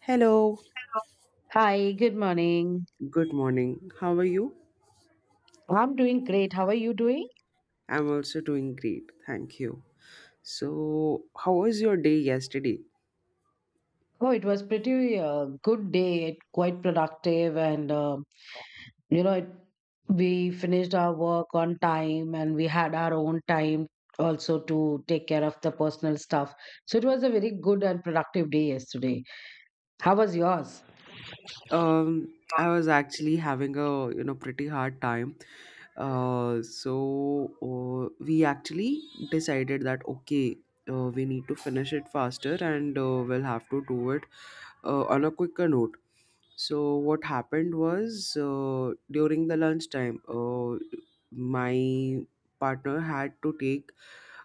Hello. Hi, good morning. Good morning. How are you? I'm doing great. How are you doing? I'm also doing great. Thank you. So, how was your day yesterday? Oh, it was pretty good day, quite productive, and you know, it, we finished our work on time, and we had our own time also to take care of the personal stuff. So it was a very good and productive day yesterday. How was yours? I was actually having a, pretty hard time. Uh, so we actually decided that okay, we need to finish it faster, and we'll have to do it on a quicker note. So what happened was, during the lunchtime, my partner had to take,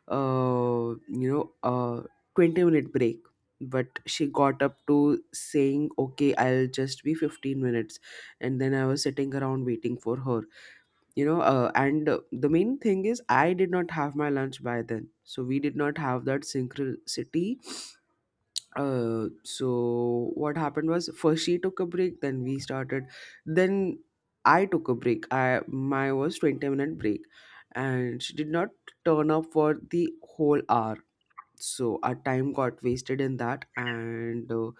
a 20 minute break, but she got up to saying, "Okay, I'll just be 15 minutes," and then I was sitting around waiting for her. And the main thing is I did not have my lunch by then, so we did not have that synchronicity. So what happened was, first she took a break, then we started, then I took a break. I my was 20-minute break, and she did not turn up for the whole hour, so our time got wasted in that. And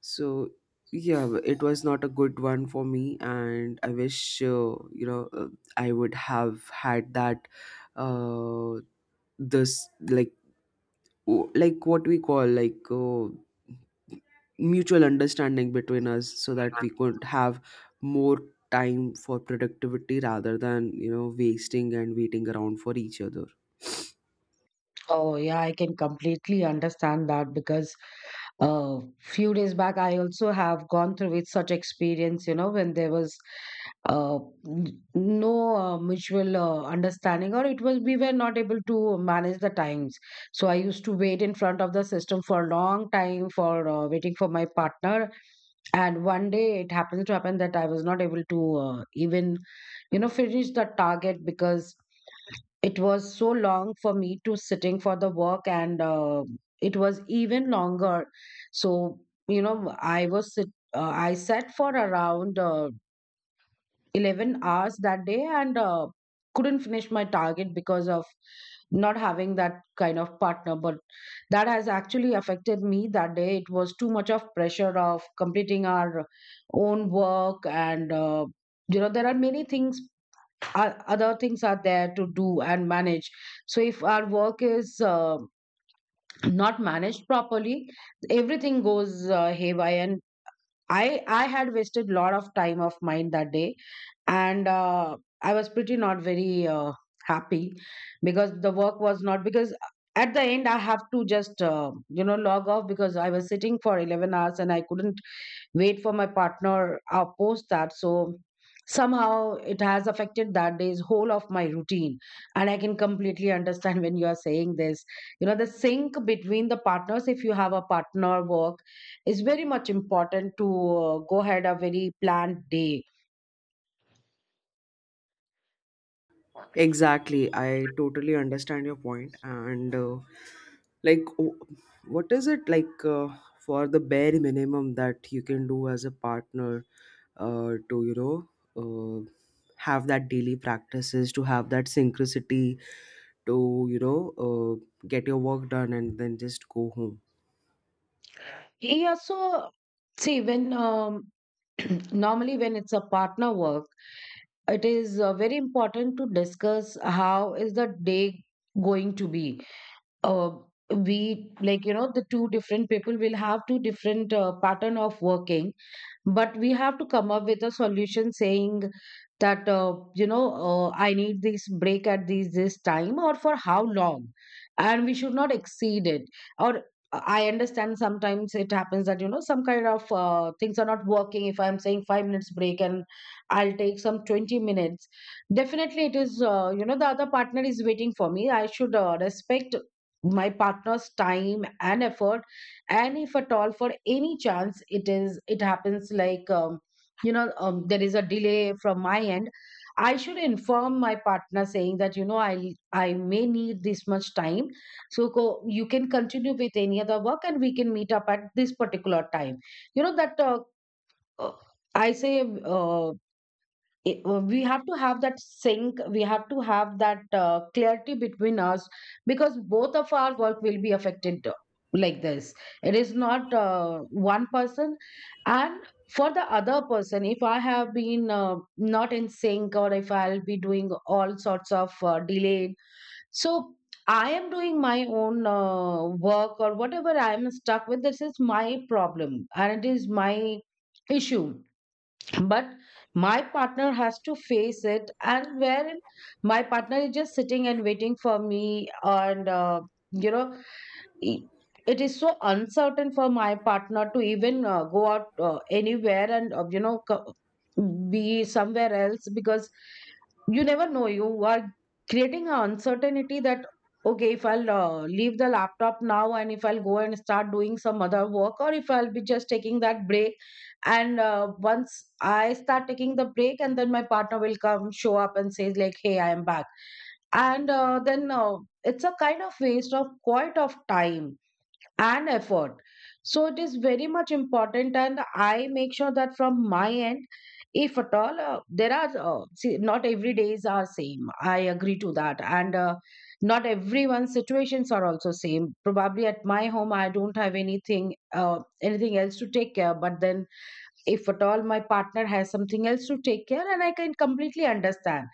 so Yeah, it was not a good one for me, and I wish, I would have had that, uh, this like w- like what we call, mutual understanding between us, so that we could have more time for productivity rather than, wasting and waiting around for each other. Oh, yeah, I can completely understand that because a few days back, I also have gone through with such experience, you know, when there was uh, no mutual understanding, or it was we were not able to manage the times. So I used to wait in front of the system for a long time for waiting for my partner. And one day it happens to happen that I was not able to even, you know, finish the target because it was so long for me to sitting for the work and it was even longer. So you know I sat for around 11 hours that day and couldn't finish my target because of not having that kind of partner. But that has actually affected me that day. It was too much of pressure of completing our own work and, you know, there are many things, other things are there to do and manage. So if our work is not managed properly, everything goes haywire, and I had wasted a lot of time of mine that day. And I was pretty not very happy, because the work was not, because at the end I have to just log off because I was sitting for 11 hours and I couldn't wait for my partner post that. So somehow it has affected that day's whole of my routine, and I can completely understand when you are saying this. You know, the sync between the partners, if you have a partner work, is very much important to go ahead a very planned day. Exactly, I totally understand your point. And like w- what is it, for the bare minimum that you can do as a partner, to uh, have that daily practices to have that synchronicity, to get your work done and then just go home. Yeah, so see, when normally when it's a partner work, it is very important to discuss how is the day going to be. uh, we, like, you know, the two different people will have two different pattern of working, but we have to come up with a solution saying that I need this break at this this time or for how long, and we should not exceed it. Or I understand sometimes it happens that, you know, some kind of things are not working. If I'm saying 5 minutes break and I'll take some 20 minutes, definitely it is, you know, the other partner is waiting for me. I should respect my partner's time and effort. And if at all for any chance it is it happens like there is a delay from my end, I should inform my partner saying that, you know, I may need this much time, so you can continue with any other work and we can meet up at this particular time. You know that, uh, i say uh, we have to have that sync, we have to have that clarity between us, because both of our work will be affected like this. It is not one person, and for the other person, if I have been not in sync, or if I'll be doing all sorts of delayed. So I am doing my own work, or whatever I am stuck with, this is my problem and it is my issue. But my partner has to face it, and where my partner is just sitting and waiting for me, and, you know, e- it is so uncertain for my partner to even go out anywhere, and, you know, be somewhere else. Because you never know, you are creating an uncertainty that okay, if I'll leave the laptop now and if I'll go and start doing some other work, or if I'll be just taking that break. And once I start taking the break and then my partner will come show up and says like hey I am back and then it's a kind of waste of quite of time and effort. So it is very much important, and I make sure that from my end, if at all there are see, not every days are same, I agree to that. And not everyone's situations are also same. Probably at my home I don't have anything anything else to take care, but then if at all my partner has something else to take care, and I can completely understand.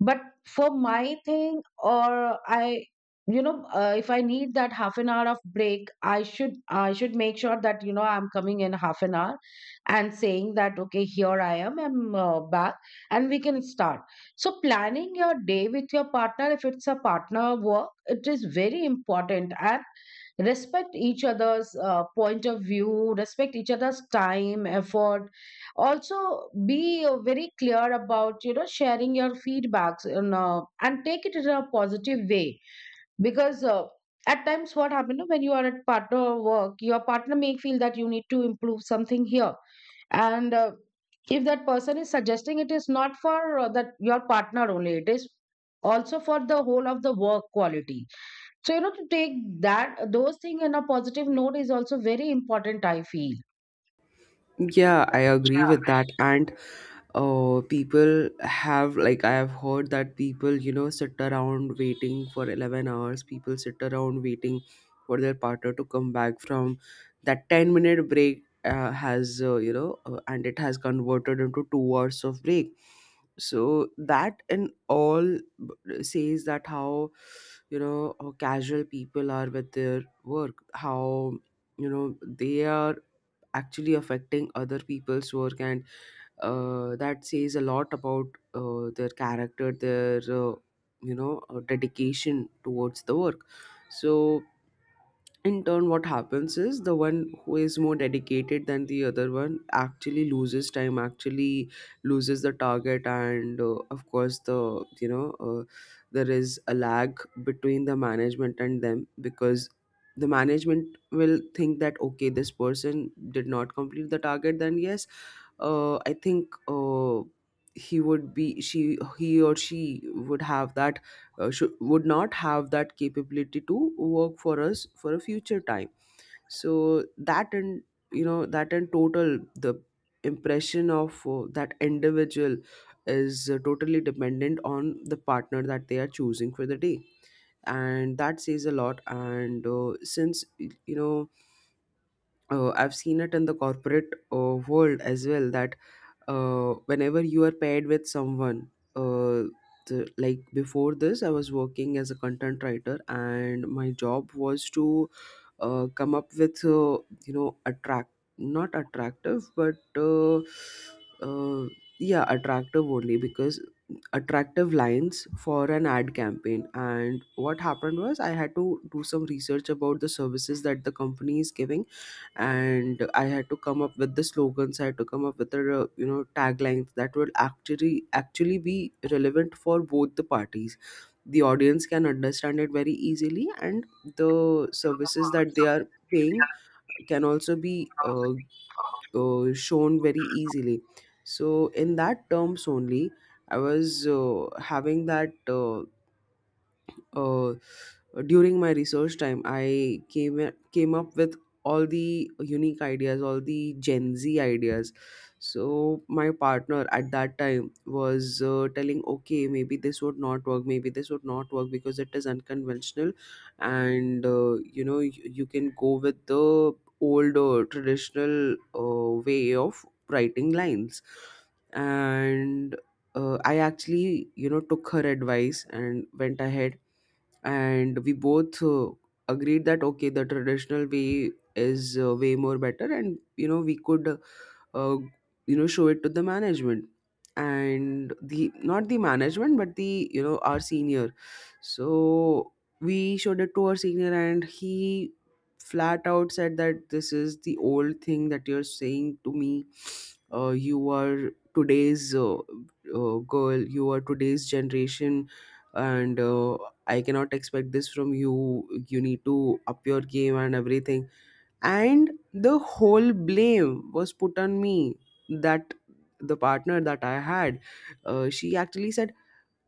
But for my thing, or I, you know, if I need that half an hour of break, I should make sure that, you know, I'm coming in half an hour and saying that okay, here I am, I'm back, and we can start. So planning your day with your partner, if it's a partner work, it is very important. And respect each other's point of view, respect each other's time, effort. Also be very clear about, you know, sharing your feedbacks, and and take it in a positive way. Because at times what happens, when you are at partner work, your partner may feel that you need to improve something here, and if that person is suggesting, it is not for that your partner only, it is also for the whole of the work quality. So, you know, to take that, those things in a positive note is also very important, I feel. Yeah, I agree with that. And people have, like, I have heard that people, sit around waiting for 11 hours. People sit around waiting for their partner to come back from that 10-minute break, and it has converted into 2 hours of break. So that in says that how, how casual people are with their work, how, they are actually affecting other people's work, and that says a lot about their character, their dedication towards the work. So in turn what happens is, the one who is more dedicated than the other one actually loses time, actually loses the target. And of course, the you know uh, there is a lag between the management and them, because the management will think that okay, this person did not complete the target, then yes, I think he or she would have that should, would not have that capability to work for us for a future time. So that, and that in total, the impression of that individual is totally dependent on the partner that they are choosing for the day. And that says a lot. And since I've seen it in the corporate world as well, that whenever you are paired with someone, uh, like before this, I was working as a content writer, and my job was to come up with, attract, not attractive, but uh, yeah, attractive only, because attractive lines for an ad campaign. And what happened was, I had to do some research about the services that the company is giving, and I had to come up with the slogans. I had to come up with the, taglines that will actually be relevant for both the parties, the audience can understand it very easily, and the services that they are paying can also be, shown very easily. So in that terms only, I was having that, uh, during my research time, I came up with all the unique ideas, all the Gen Z ideas. So my partner at that time was telling okay, maybe this would not work, maybe this would not work, because it is unconventional. And you can go with the older traditional way of writing lines. And I actually, took her advice and went ahead, and we both agreed that okay, the traditional way is way more better, and we could, uh, show it to the management, and the, not the management but the, our senior. So we showed it to our senior, and he flat out said that this is the old thing that you're saying to me. You are today's, girl, you are today's generation, and I cannot expect this from you. You need to up your game and everything. And the whole blame was put on me, that the partner that I had, she actually said,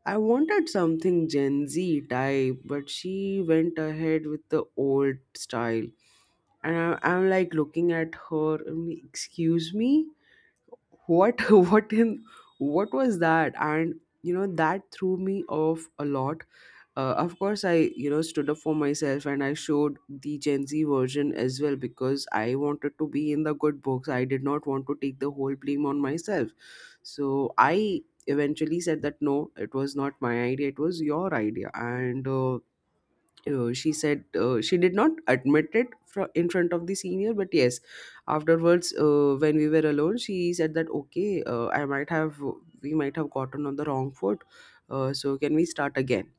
I wanted something Gen Z type, but she went ahead with the old style. And I, I'm like looking at her, I'm like, excuse me? What, what in, what was that? And you know, that threw me off a lot. Of course, I, stood up for myself, and I showed the Gen Z version as well, because I wanted to be in the good books. I did not want to take the whole blame on myself. So I eventually said that no, it was not my idea, it was your idea. And she said, she did not admit it in front of the senior, but yes, afterwards, when we were alone, she said that okay, I might have we might have gotten on the wrong foot, so can we start again.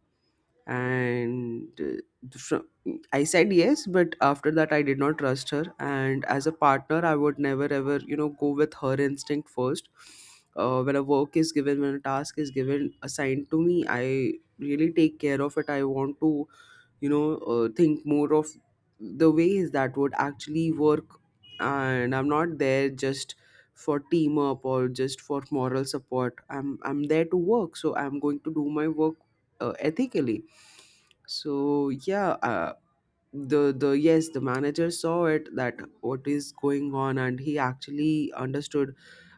And I said yes, but after that I did not trust her. And as a partner, I would never ever, go with her instinct first. When a work is given, when a task is given, assigned to me, I really take care of it. I want to, think more of the ways that would actually work, and I'm not there just for team up or just for moral support. I'm there to work, so I'm going to do my work ethically. So yeah, the yes, the manager saw it, that what is going on, and he actually understood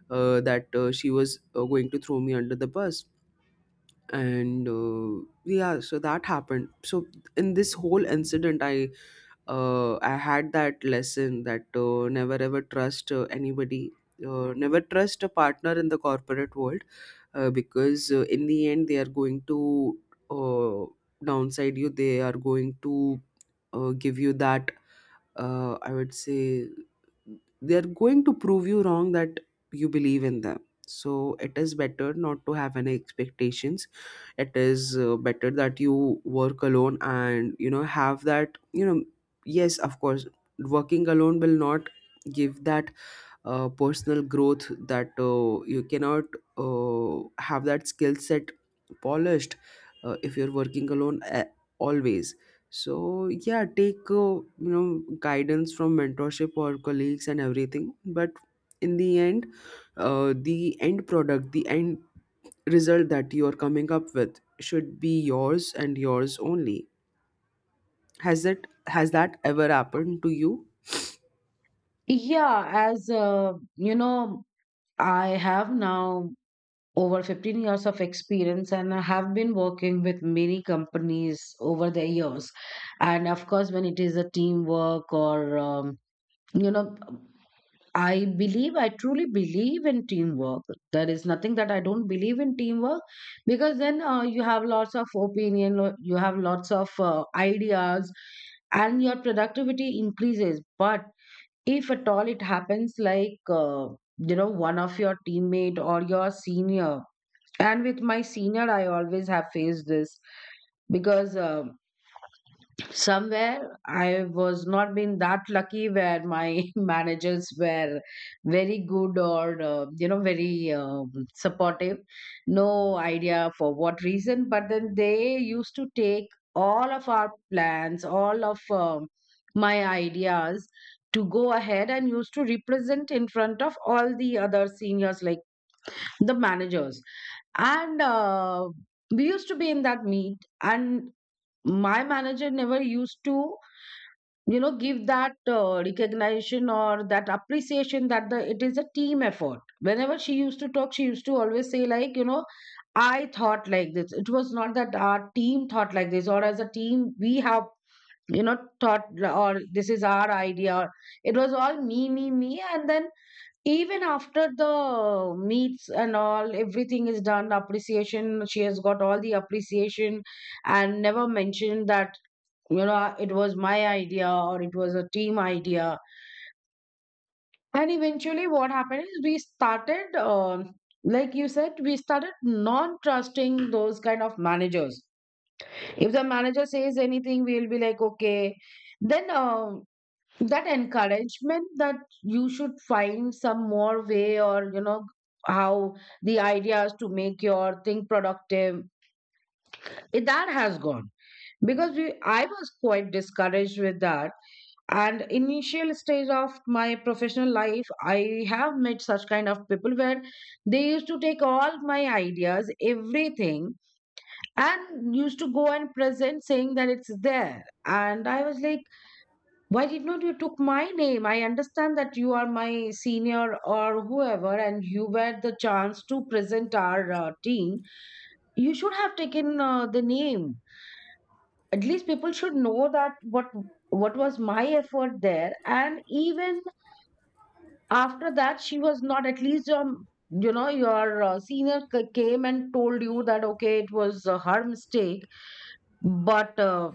that she was going to throw me under the bus. And yeah, so that happened. So in this whole incident, I, I had that lesson that never ever trust anybody, never trust a partner in the corporate world, because in the end they are going to, uh, downside you, they are going to give you that, I would say, they're going to prove you wrong, that you believe in them. So it is better not to have any expectations. It is better that you work alone, and you know, have that, you know, yes, of course, working alone will not give that personal growth, that you cannot have that skill set polished if you're working alone, always. So yeah, take, guidance from mentorship or colleagues and everything, but in the end, the end product, the end result that you're coming up with should be yours and yours only. Has that ever happened to you? Yeah, as you know, I have now over 15 years of experience, and I have been working with many companies over the years. And of course, when it is a teamwork, or, you know, I believe, I truly believe in teamwork. There is nothing that I don't believe in teamwork, because then you have lots of opinion, you have lots of ideas, and your productivity increases. But if at all it happens, like, one of your teammate or your senior, and with my senior, I always have faced this, because, somewhere I was not been that lucky where my managers were very good or, very supportive. No idea for what reason, but then they used to take all of our plans, all of my ideas, to go ahead and used to represent in front of all the other seniors like the managers. And we used to be in that meet, and my manager never used to, you know, give that recognition or that appreciation that the it is a team effort. Whenever she used to talk, she used to always say like, you know, I thought like this. It was not that our team thought like this, or as a team we have, you know, thought, or this is our idea. Or it was all me, me, me. And then even after the meets and all, everything is done, appreciation, she has got all the appreciation, and never mentioned that, you know, it was my idea or it was a team idea. And eventually what happened is we started, like you said, we started non trusting those kind of managers. If the manager says anything, we'll be like okay. Then, that encouragement that you should find some more way, or you know, how the ideas to make your thing productive, that has gone. Because I was quite discouraged with that. And initial stage of my professional life, I have met such kind of people where they used to take all my ideas, everything, and used to go and present saying that it's there. And I was like, why did not you took my name? I understand that you are my senior or whoever and you were the chance to present our team. You should have taken the name. At least people should know that what was my effort there. And even after that, she was not at least, your senior came and told you that okay, it was her mistake. But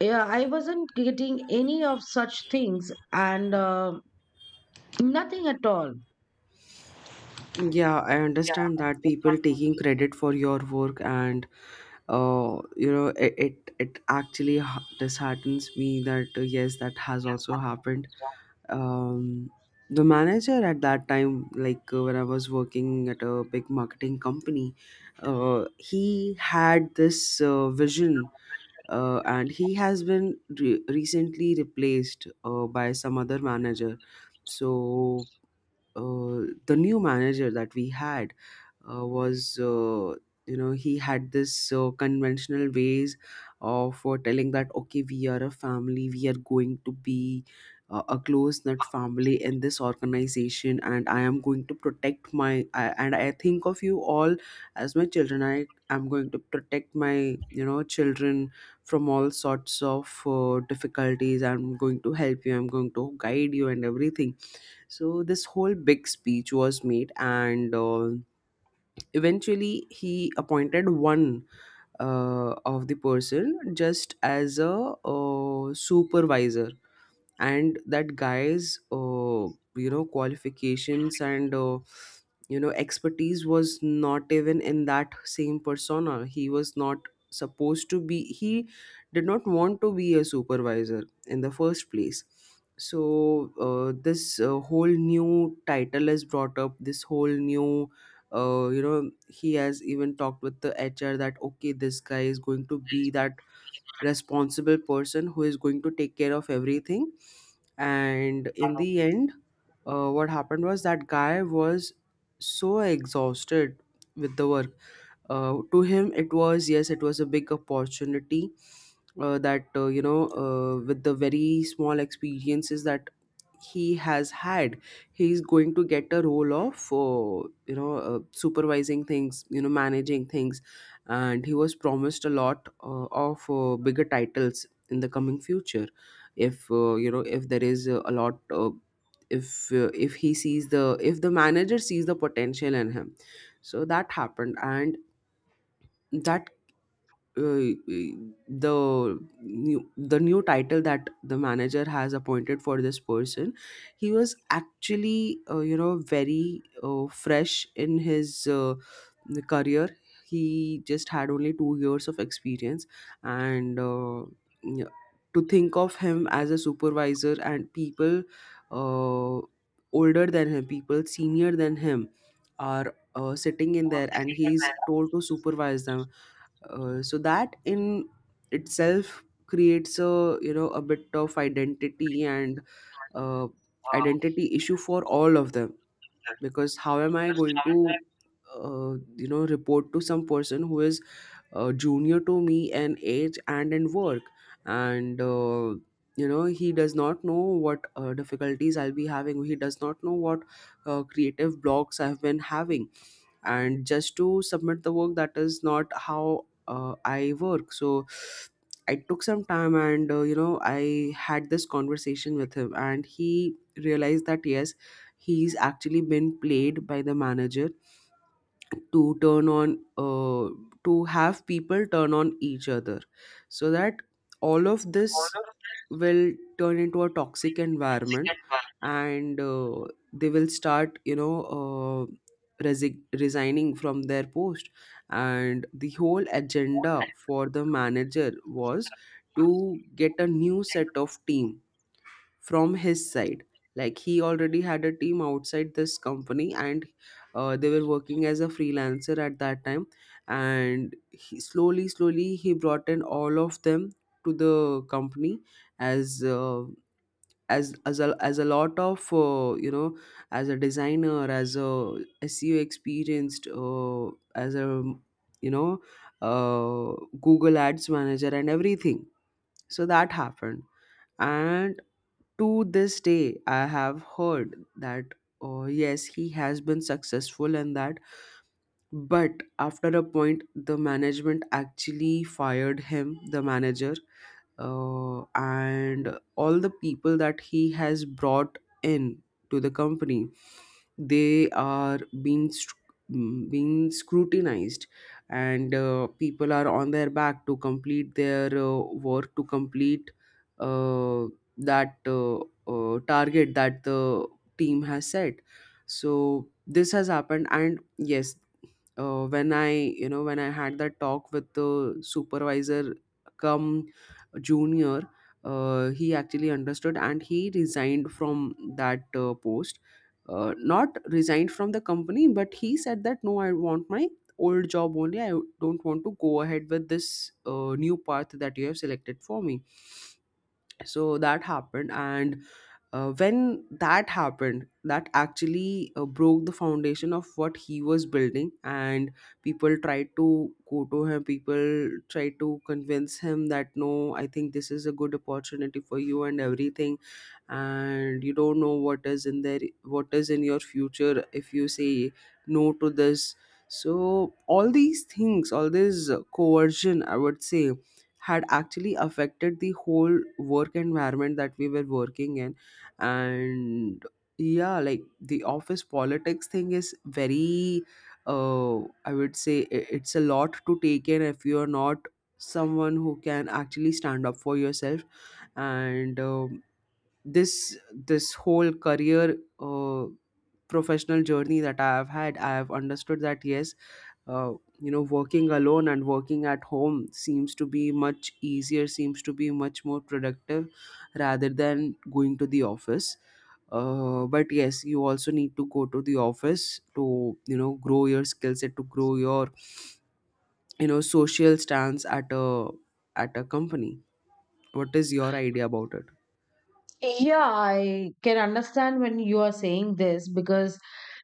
yeah, I wasn't getting any of such things, and nothing at all. Yeah, I understand that people taking credit for your work, and it it actually disheartens me, that yes, that has also happened. Um, the manager at that time, like when I was working at a big marketing company, he had this vision, and he has been recently replaced by some other manager. So the new manager that we had was you know he had this conventional ways of telling that okay, we are a family, we are going to be a close knit family in this organization, and I am going to protect my I, and I think of you all as my children. I am going to protect my children from all sorts of difficulties. I'm going to help you, I'm going to guide you and everything. So this whole big speech was made, and eventually he appointed one of the person just as a supervisor, and that guy's qualifications and expertise was not even in that same persona. He was not supposed to be, he did not want to be a supervisor in the first place. So this whole new title is brought up, this whole new he has even talked with the HR that okay, this guy is going to be that responsible person who is going to take care of everything. And in the end, what happened was that guy was so exhausted with the work. To him it was, yes, it was a big opportunity that you know with the very small experiences that he has had, he's going to get a role of supervising things, you know, managing things. And he was promised a lot of bigger titles in the coming future, if if there is a lot if he sees the, if the manager sees the potential in him. So that happened. And that uh, the new, the new title that the manager has appointed for this person, he was actually very fresh in his career. He just had only 2 years of experience. and uh, yeah, to think of him as a supervisor, and people uh, older than him, people senior than him are sitting in there and he's told to supervise them. So that in itself creates a, you know, a bit of identity and uh, identity issue for all of them. Because how am I going to report to some person who is junior to me in age and in work, and he does not know what difficulties I'll be having, he does not know what creative blocks I've been having, and just to submit the work, that is not how I work. So I took some time, and I had this conversation with him and he realized that yes, he's actually been played by the manager to turn on to have people turn on each other, so that all of this will turn into a toxic environment. And they will start, resigning from their post. And the whole agenda for the manager was to get a new set of team from his side. Like, he already had a team outside this company, and they were working as a freelancer at that time. And he, slowly, slowly, he brought in all of them to the company as. Uh, as a lot of as a designer, as a SEO experienced as a you know uh, Google Ads manager and everything. So that happened. And to this day, I have heard that, oh yes, he has been successful in that. But after a point, the management actually fired him, the manager, and all the people that he has brought in to the company, they are being being scrutinized, and people are on their back to complete their work, to complete uh, that target that the team has set. So this has happened. And yes, uh, when I, when I had that talk with the supervisor come junior, he actually understood and he resigned from that post. Not resigned from the company, but he said that no, I want my old job only. I don't want to go ahead with this new path that you have selected for me. So that happened. And when that happened, that actually broke the foundation of what he was building. And people tried to go to him, people tried to convince him that no, I think this is a good opportunity for you and everything, and you don't know what is in there, what is in your future if you say no to this. So all these things, all this coercion, I would say, had actually affected the whole work environment that we were working in. And yeah, like the office politics thing is very uh I would say, it's a lot to take in if you're not someone who can actually stand up for yourself. And this, this whole career professional journey that I have had, I have understood that yes, uh, working alone and working at home seems to be much easier, seems to be much more productive rather than going to the office. But yes, you also need to go to the office to, you know, grow your skill set, to grow your, you know, social stance at a, at a company. What is your idea about it? Yeah, I can understand when you are saying this, because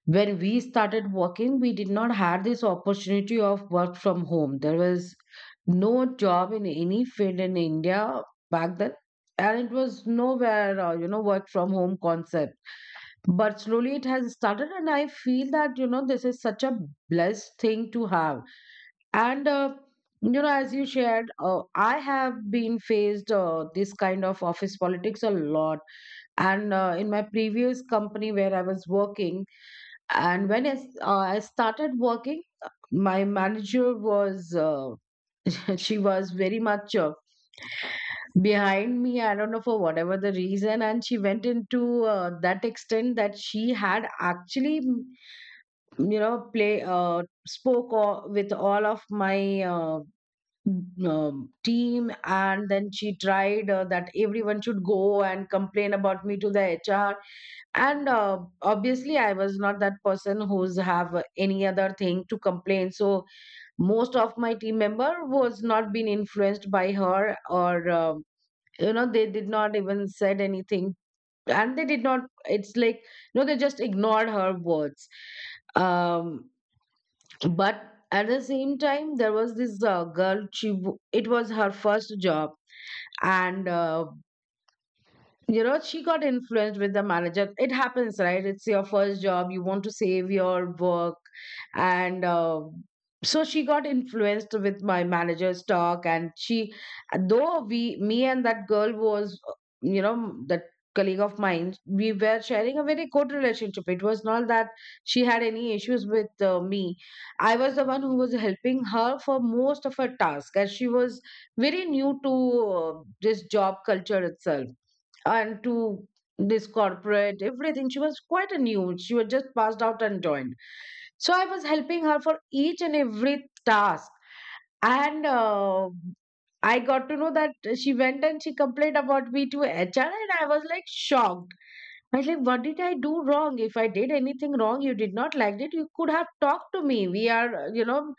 when we started working, we did not have this opportunity of work from home. There was no job in any field in India back then, and it was nowhere, work from home concept. But slowly it has started, and I feel that, you know, this is such a blessed thing to have. And, as you shared, I have been faced this kind of office politics a lot and in my previous company where I was working. And when I started working, my manager was she was very much behind me. I don't know for whatever the reason, and she went into that extent that she had actually you know play spoke with all of my team, and then she tried that everyone should go and complain about me to the HR. And obviously I was not that person who's have any other thing to complain, so most of my team member was not been influenced by her. Or they did not even said anything, and they did not, it's like, they just ignored her words. um but at the same time, there was this girl. She it was her first job, and she got influenced with the manager. It happens, right? It's your first job, you want to save your work. And so she got influenced with my manager's talk, and she, though we, me and that girl was that colleague of mine, we were sharing a very good relationship. It was not that she had any issues with me. I was the one who was helping her for most of her task, as she was very new to this job culture itself, and to this corporate, everything. She was quite a new. She was just passed out and joined. So I was helping her for each and every task. And I got to know that she went and she complained about me to HR, and I was like shocked. I was like, what did I do wrong? If I did anything wrong, you did not like it, you could have talked to me. We are,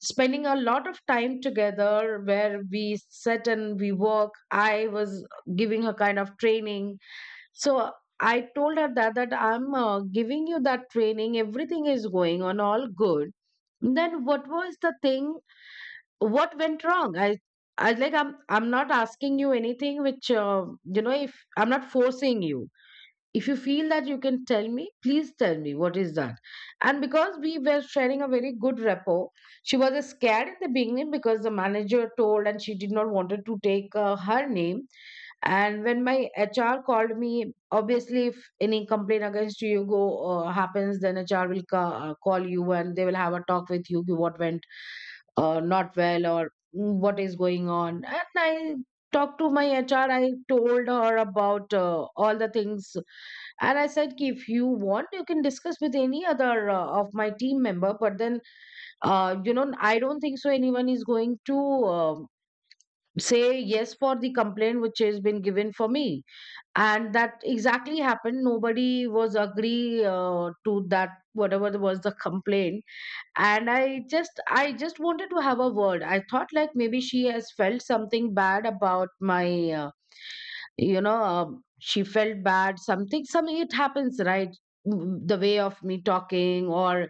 spending a lot of time together where we sit and we work. I was giving her kind of training. So I told her that that I'm giving you that training, everything is going on all good. Then what was the thing? What went wrong? I like I'm not asking you anything which, if I'm not forcing you, if you feel that you can tell me, please tell me what is that. And because we were sharing a very good rapport, she was scared in the beginning because the manager told, and she did not wanted to take her name. And when my HR called me, obviously if any complaint against you go happens, then HR will call you, and they will have a talk with you what went not well or what is going on. And I talked to my HR, I told her about all the things. And I said, "Ki, if you want you can discuss with any other of my team member, but then I don't think so anyone is going to uh, say yes for the complaint which has been given for me." And that exactly happened, nobody was agree to that whatever was the complaint. And I just I just wanted to have a word. I thought like maybe she has felt something bad about my uh, she felt bad something, something. It happens, right? Mm, the way of me talking or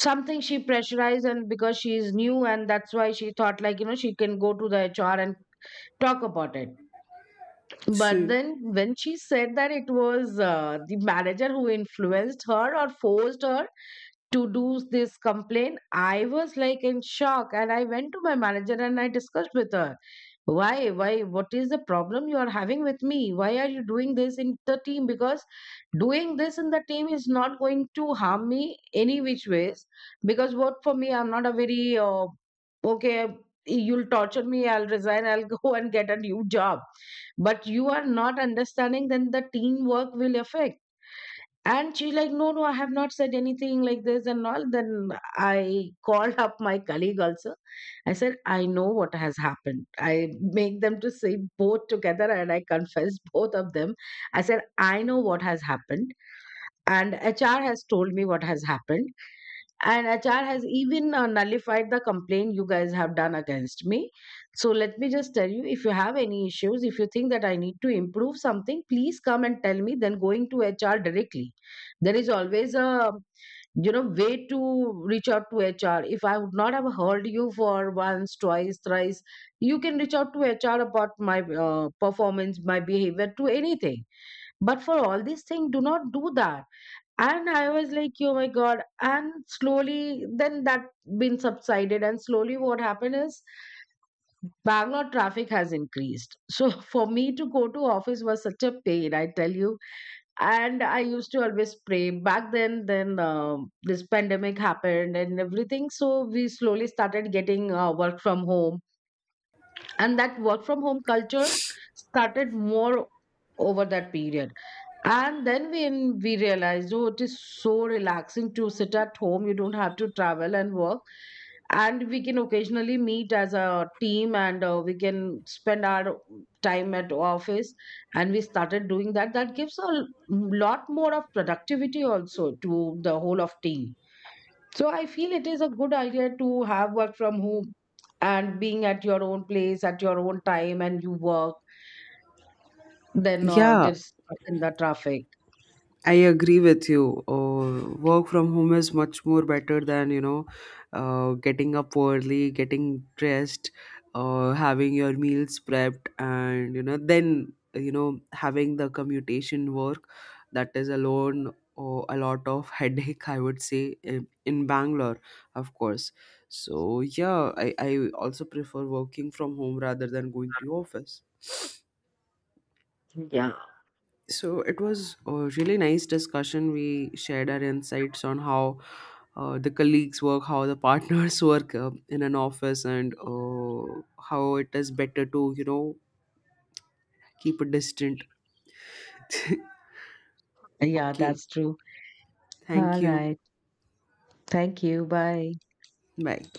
something, she pressurized. And because she is new, and that's why she thought, like, she can go to the HR and talk about it. But so then when she said that it was the manager who influenced her or forced her to do this complaint, I was like in shock. And I went to my manager and I discussed with her, why, what is the problem you are having with me, why are you doing this in the team? Because doing this in the team is not going to harm me any which ways, because what for me, I'm not a very okay, you'll torture me, I'll resign, I'll go and get a new job. But you are not understanding, then the teamwork will affect. And she like, no, no, I have not said anything like this and all. Then I called up my colleague also. I said, I know what has happened. I make them to say both together and I confess both of them. I said, I know what has happened, and HR has told me what has happened. And HR has even nullified the complaint you guys have done against me. So let me just tell you, if you have any issues, if you think that I need to improve something, please come and tell me, then going to HR directly. There is always a, way to reach out to HR. If I would not have heard you for once, twice, thrice, you can reach out to HR about my performance, my behavior, to anything. But for all these things, do not do that. And I was like, oh my God. And slowly, then that been subsided. And slowly, what happened is Bangalore traffic has increased. So for me to go to office was such a pain, I tell you. And I used to always pray. Back then this pandemic happened and everything. So we slowly started getting work from home, and that work from home culture started more over that period. And then when we realized, oh, it is so relaxing to sit at home, you don't have to travel and work, and we can occasionally meet as a team, and we can spend our time at office. And we started doing that, that gives a lot more of productivity also to the whole of team. So I feel it is a good idea to have work from home and being at your own place at your own time and you work, then yeah just in the traffic. I agree with you. Work from home is much more better than, you know, getting up early, getting dressed, having your meals prepped, and you know, having the commutation work. That is alone a lot of headache, I would say, in Bangalore, of course. So yeah, I also prefer working from home rather than going to office. So it was a really nice discussion. We shared our insights on how the colleagues work, how the partners work in an office, and how it is better to, you know, keep a distant. Yeah, Okay. that's true. Thank All you. right. Thank you. Bye. Bye.